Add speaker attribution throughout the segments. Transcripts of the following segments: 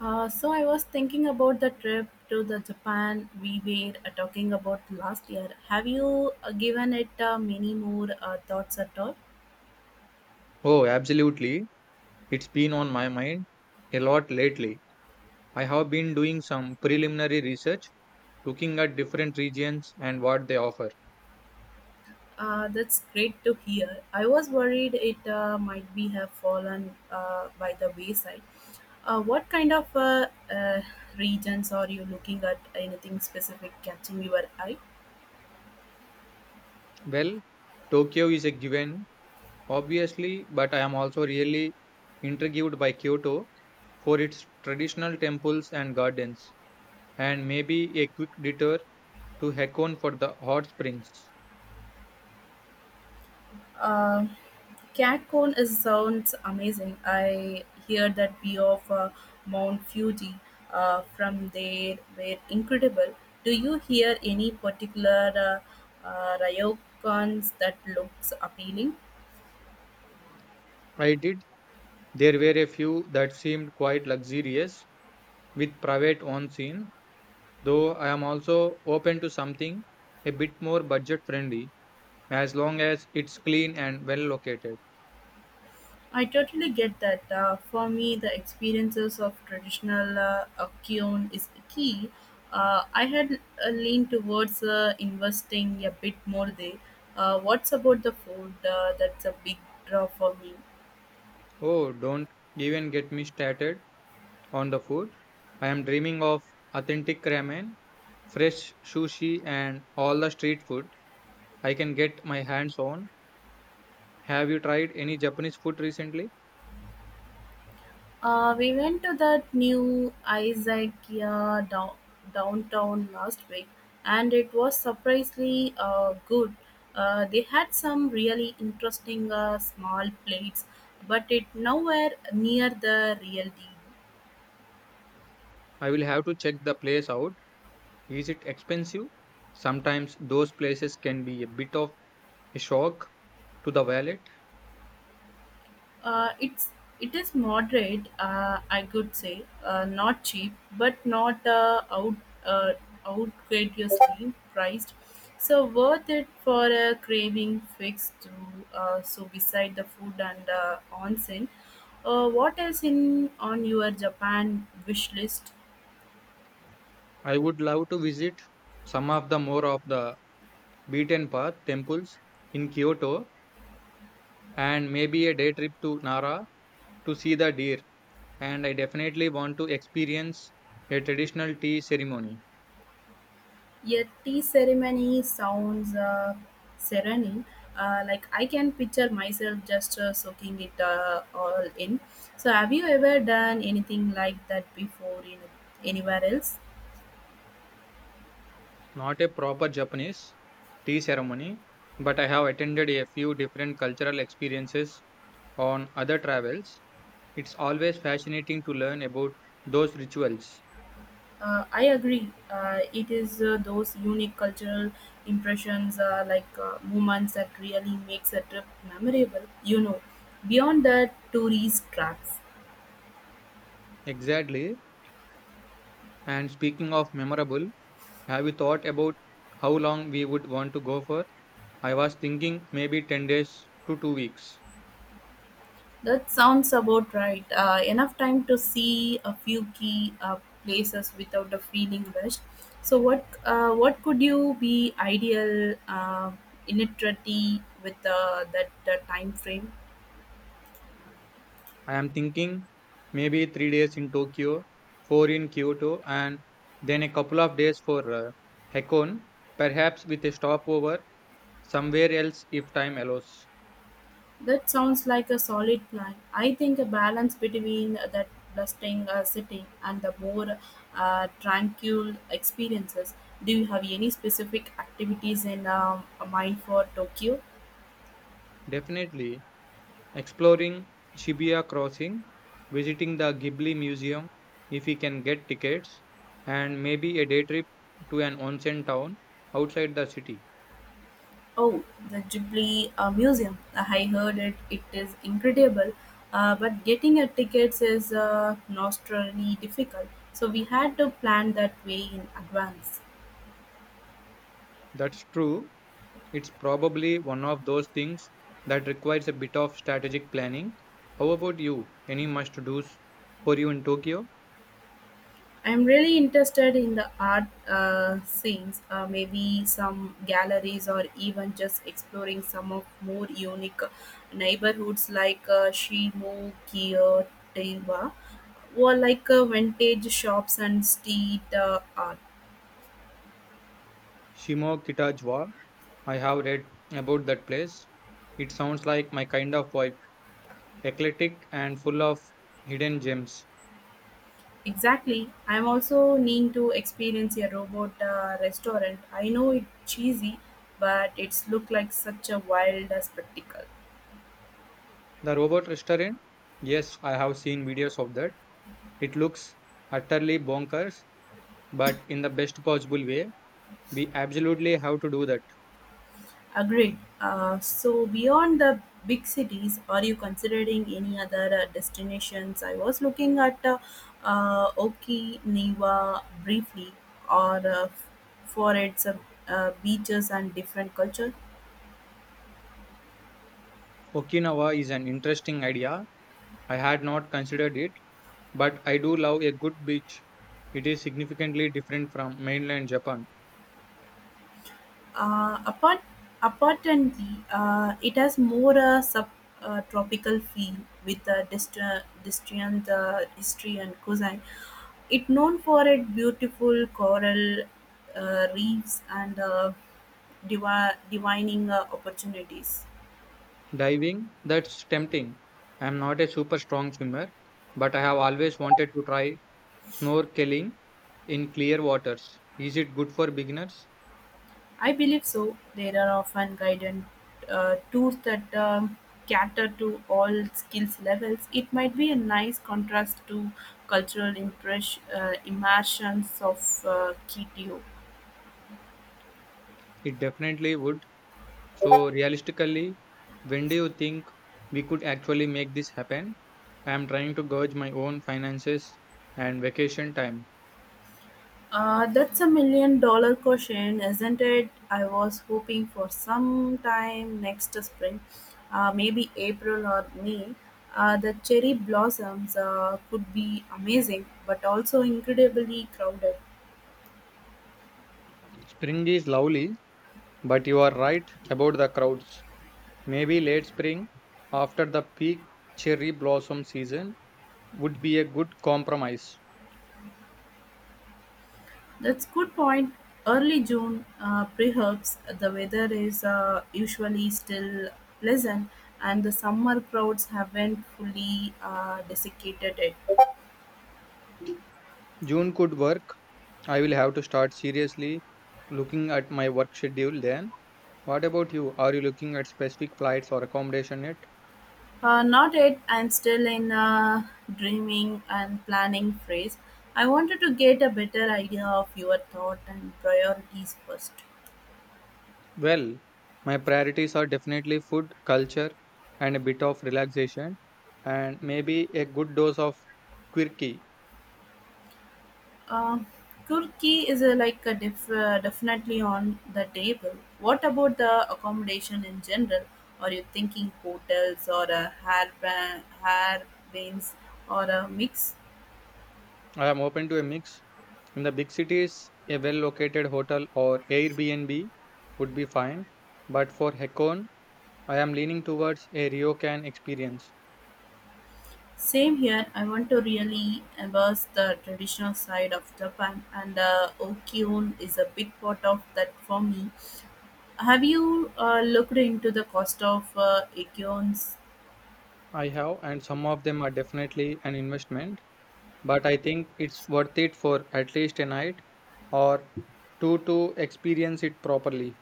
Speaker 1: So I was thinking about the trip to the Japan we were talking about last year. Have you given it many more thoughts at all?
Speaker 2: Oh, absolutely. It's been on my mind a lot lately. I have been doing some preliminary research, looking at different regions and what they offer.
Speaker 1: That's great to hear. I was worried it might be have fallen by the wayside. What kind of uh, regions are you looking at? Anything specific catching your eye?
Speaker 2: Well, Tokyo is a given, obviously, but I am also really intrigued by Kyoto for its traditional temples and gardens, and maybe a quick detour to Hakone for the hot springs.
Speaker 1: Uh, CatCon is sounds amazing. I hear that view of Mount Fuji from there were incredible. Do you hear any particular ryokans that looks appealing?
Speaker 2: I did. There were a few that seemed quite luxurious with private on scene though I am also open to something a bit more budget friendly as long as it's clean and well located.
Speaker 1: I totally get that. For me, the experiences of traditional Akkyon is key. I had leaned towards investing a bit more there. What's about the food? That's a big draw for me.
Speaker 2: Oh, don't even get me started on the food. I am dreaming of authentic ramen, fresh sushi, and all the street food I can get my hands on. Have you tried any Japanese food recently?
Speaker 1: We went to that new Izakaya downtown last week, and it was surprisingly good. They had some really interesting small plates, but it nowhere near the real deal.
Speaker 2: I will have to check the place out. Is it expensive? Sometimes those places can be a bit of a shock to the wallet.
Speaker 1: Uh, it's it is moderate, I could say, not cheap, but not uh, outrageously priced. So worth it for a craving fix to so beside the food and onsen. What else in on your Japan wish list?
Speaker 2: I would love to visit some of the more of the beaten path temples in Kyoto and maybe a day trip to Nara to see the deer. And I definitely want to experience a traditional tea ceremony,
Speaker 1: A tea ceremony sounds serene. Like I can picture myself just soaking it all in. So, have you ever done anything like that before in anywhere else?
Speaker 2: not a proper Japanese tea ceremony, but I have attended a few different cultural experiences on other travels. It's always fascinating to learn about those rituals.
Speaker 1: I agree. It is those unique cultural impressions, like moments, that really makes a trip memorable. You know, beyond the tourist traps.
Speaker 2: Exactly. And speaking of memorable, have you thought about how long we would want to go for? I was thinking maybe 10 days to 2 weeks.
Speaker 1: That sounds about right. Enough time to see a few key places without the feeling rushed. So, what could you be ideal initiative with that time frame?
Speaker 2: I am thinking maybe 3 days in Tokyo, 4 in Kyoto, and then a couple of days for Hakone, perhaps with a stopover somewhere else if time allows.
Speaker 1: That sounds like a solid plan. I think a balance between that bustling city and the more tranquil experiences. Do you have any specific activities in mind for Tokyo?
Speaker 2: Definitely exploring Shibuya Crossing, visiting the Ghibli Museum if we can get tickets, and maybe a day trip to an onsen town outside the city.
Speaker 1: Oh, the Ghibli Museum. I heard it. It is incredible. But getting a tickets is nostrily difficult. So we had to plan that way in advance.
Speaker 2: That's true. It's probably one of those things that requires a bit of strategic planning. How about you? Any must-dos for you in Tokyo?
Speaker 1: I'm really interested in the art scenes, maybe some galleries or even just exploring some of more unique neighborhoods like Shimo, Kiyo, Tewa, or like vintage shops and street art.
Speaker 2: Shimokitajwa. I have read about that place. It sounds like my kind of vibe, eclectic and full of hidden gems.
Speaker 1: Exactly. I'm also need to experience a robot restaurant. I know it's cheesy, but it's look like such a wild spectacle.
Speaker 2: The robot restaurant? Yes, I have seen videos of that. It looks utterly bonkers, but in the best possible way. We absolutely have to do that.
Speaker 1: Agreed. So beyond the big cities, are you considering any other destinations? I was looking at Okinawa briefly, or for its beaches and different culture.
Speaker 2: Okinawa is an interesting idea I had not considered it, but I do love a good beach. It is significantly different from mainland Japan.
Speaker 1: Uh, apart, apparently, it has more a sub tropical feel with the distant history and cuisine. It known for its beautiful coral reefs and divining opportunities.
Speaker 2: Diving, that's tempting. I am not a super strong swimmer, but I have always wanted to try snorkeling in clear waters. Is it good for beginners?
Speaker 1: I believe so. There are often guided tours that cater to all skills levels. It might be a nice contrast to cultural immersions of Kitio.
Speaker 2: It definitely would. So, realistically, when do you think we could actually make this happen? I am trying to gauge my own finances and vacation time.
Speaker 1: That's a million dollar question, isn't it? I was hoping for some time next spring, maybe April or May. The cherry blossoms could be amazing, but also incredibly crowded.
Speaker 2: Spring is lovely, but you are right about the crowds. Maybe late spring, after the peak cherry blossom season, would be a good compromise.
Speaker 1: That's good point. Early June, perhaps the weather is usually still pleasant, and the summer crowds haven't fully desiccated it.
Speaker 2: June could work. I will have to start seriously looking at my work schedule then. What about you? Are you looking at specific flights or accommodation yet?
Speaker 1: Not yet. I'm still in a dreaming and planning phase. I wanted to get a better idea of your thought and priorities first.
Speaker 2: Well, my priorities are definitely food, culture, and a bit of relaxation, and maybe a good dose of quirky.
Speaker 1: Uh, Turkey is a, like a definitely on the table. What about the accommodation in general? Are you thinking hotels or a hair bands or a mix?
Speaker 2: I am open to a mix, in the big cities, a well located hotel or Airbnb would be fine, but for Hakone, I am leaning towards a ryokan experience.
Speaker 1: Same here. I want to really embrace the traditional side of Japan, and Okyun is a big part of that for me. Have you looked into the cost of
Speaker 2: I have, and some of them are definitely an investment, but I think it's worth it for at least a night or two to experience it properly.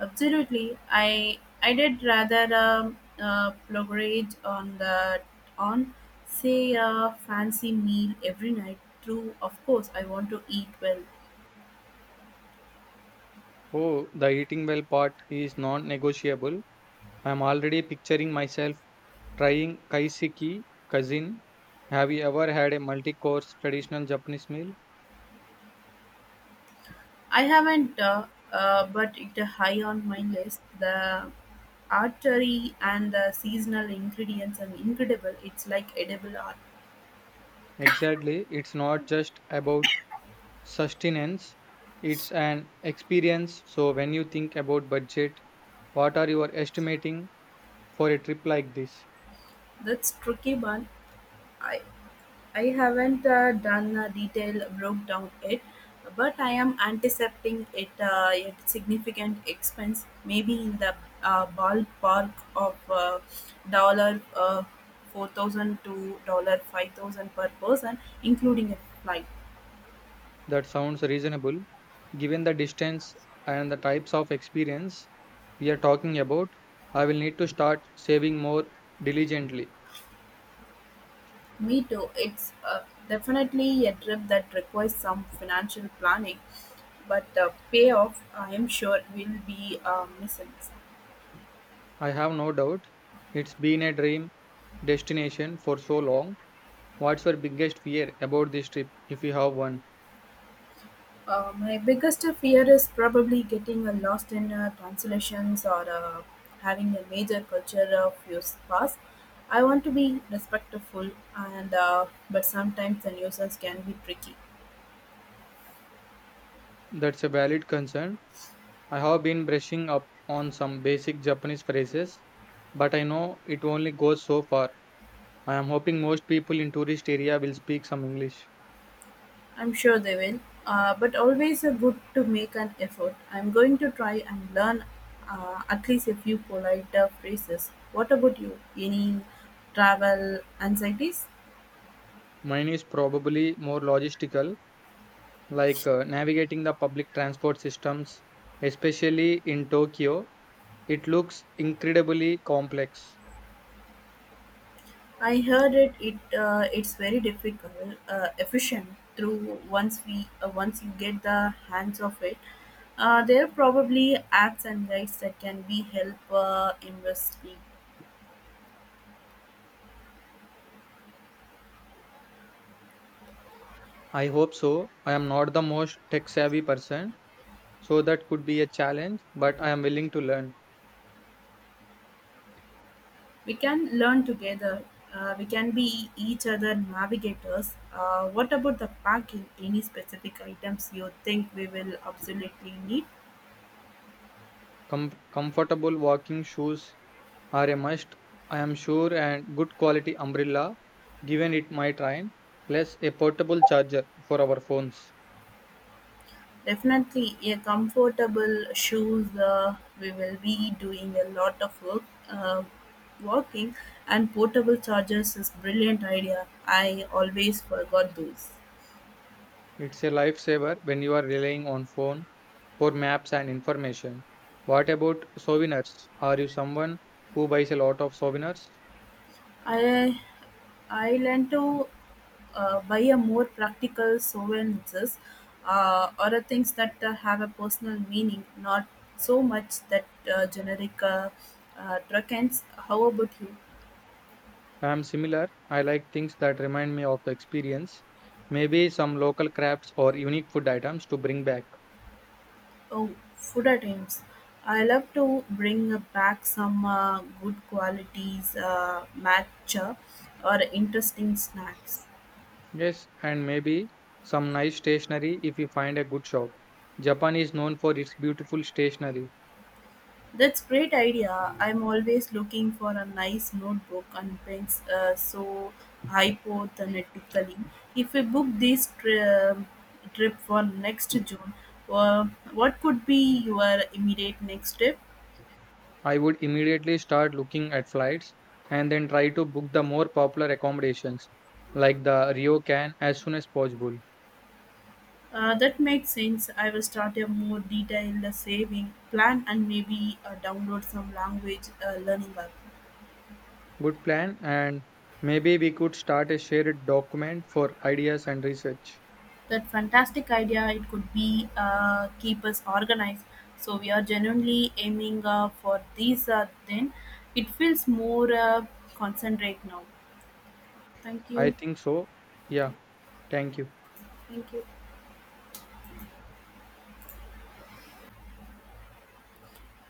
Speaker 1: absolutely, I did rather prograde on the on say a fancy meal every night. True, of course, I want to eat well.
Speaker 2: Oh, the eating well part is non negotiable. I'm already picturing myself trying kaiseki, cousin. Have you ever had a multi course traditional Japanese meal?
Speaker 1: I haven't, but it high on my list. The artery and the seasonal ingredients are incredible. It's like edible art.
Speaker 2: Exactly. It's not just about sustenance, it's an experience. So, when you think about budget, what are you are estimating for a trip like this?
Speaker 1: That's tricky, but I I haven't done a detailed breakdown yet, but I am anticipating it at significant expense, maybe in the ballpark of dollar four thousand to $5,000 per person, including a flight.
Speaker 2: That sounds reasonable given the distance and the types of experience we are talking about. I will need to start saving more diligently.
Speaker 1: Me too. It's definitely a trip that requires some financial planning, but the payoff I am sure will be missing.
Speaker 2: I have no doubt it's been a dream destination for so long. What's your biggest fear about this trip, if you have one?
Speaker 1: My biggest fear is probably getting lost in translations or having a major culture fuse pass. I want to be respectful, and but sometimes the nuisance can be tricky.
Speaker 2: That's a valid concern. I have been brushing up on some basic Japanese phrases, but I know it only goes so far. I am hoping most people in tourist area will speak some English.
Speaker 1: I'm sure they will, but always good to make an effort. I'm going to try and learn at least a few polite phrases. What about you? Any travel anxieties?
Speaker 2: Mine is probably more logistical, like navigating the public transport systems, especially in Tokyo. It looks incredibly complex.
Speaker 1: I heard it. It's very difficult, efficient. Through once you get the hands of it, there are probably apps and guides that can be help investigate.
Speaker 2: I hope so. I am not the most tech savvy person, so that could be a challenge, but I am willing to learn.
Speaker 1: We can learn together. We can be each other navigators. What about the packing? Any specific items you think we will absolutely need?
Speaker 2: Comfortable walking shoes are a must, I am sure, and good quality umbrella, given it might rain, plus a portable charger for our phones.
Speaker 1: Definitely a comfortable shoes. We will be doing a lot of work, uh, walking, and portable chargers is brilliant idea. I always forgot those.
Speaker 2: It's a lifesaver when you are relying on phone for maps and information. What about souvenirs? Are you someone who buys a lot of souvenirs?
Speaker 1: I I learned to buy a more practical souvenirs or a things that have a personal meaning, not so much that generic uh, trends. How about you?
Speaker 2: I am similar. I like things that remind me of the experience. Maybe some local crafts or unique food items to bring back.
Speaker 1: Oh, food items! I love to bring back some good qualities matcha or interesting snacks.
Speaker 2: Yes, and maybe some nice stationery if we find a good shop. Japan is known for its beautiful stationery.
Speaker 1: That's great idea. I'm always looking for a nice notebook and pens. So hypothetically, if we book this um, trip for next June, uh, what could be your immediate next step?
Speaker 2: I would immediately start looking at flights and then try to book the more popular accommodations like the Ryokan as soon as possible.
Speaker 1: That makes sense. I will start a more detailed saving plan and maybe download some language learning app.
Speaker 2: Good plan, and maybe we could start a shared document for ideas and research.
Speaker 1: That fantastic idea. It could be keep us organized. So we are genuinely aiming for these. Then it feels more concentrate now. Thank
Speaker 2: I
Speaker 1: you.
Speaker 2: think so. Yeah, thank you.
Speaker 1: Thank you.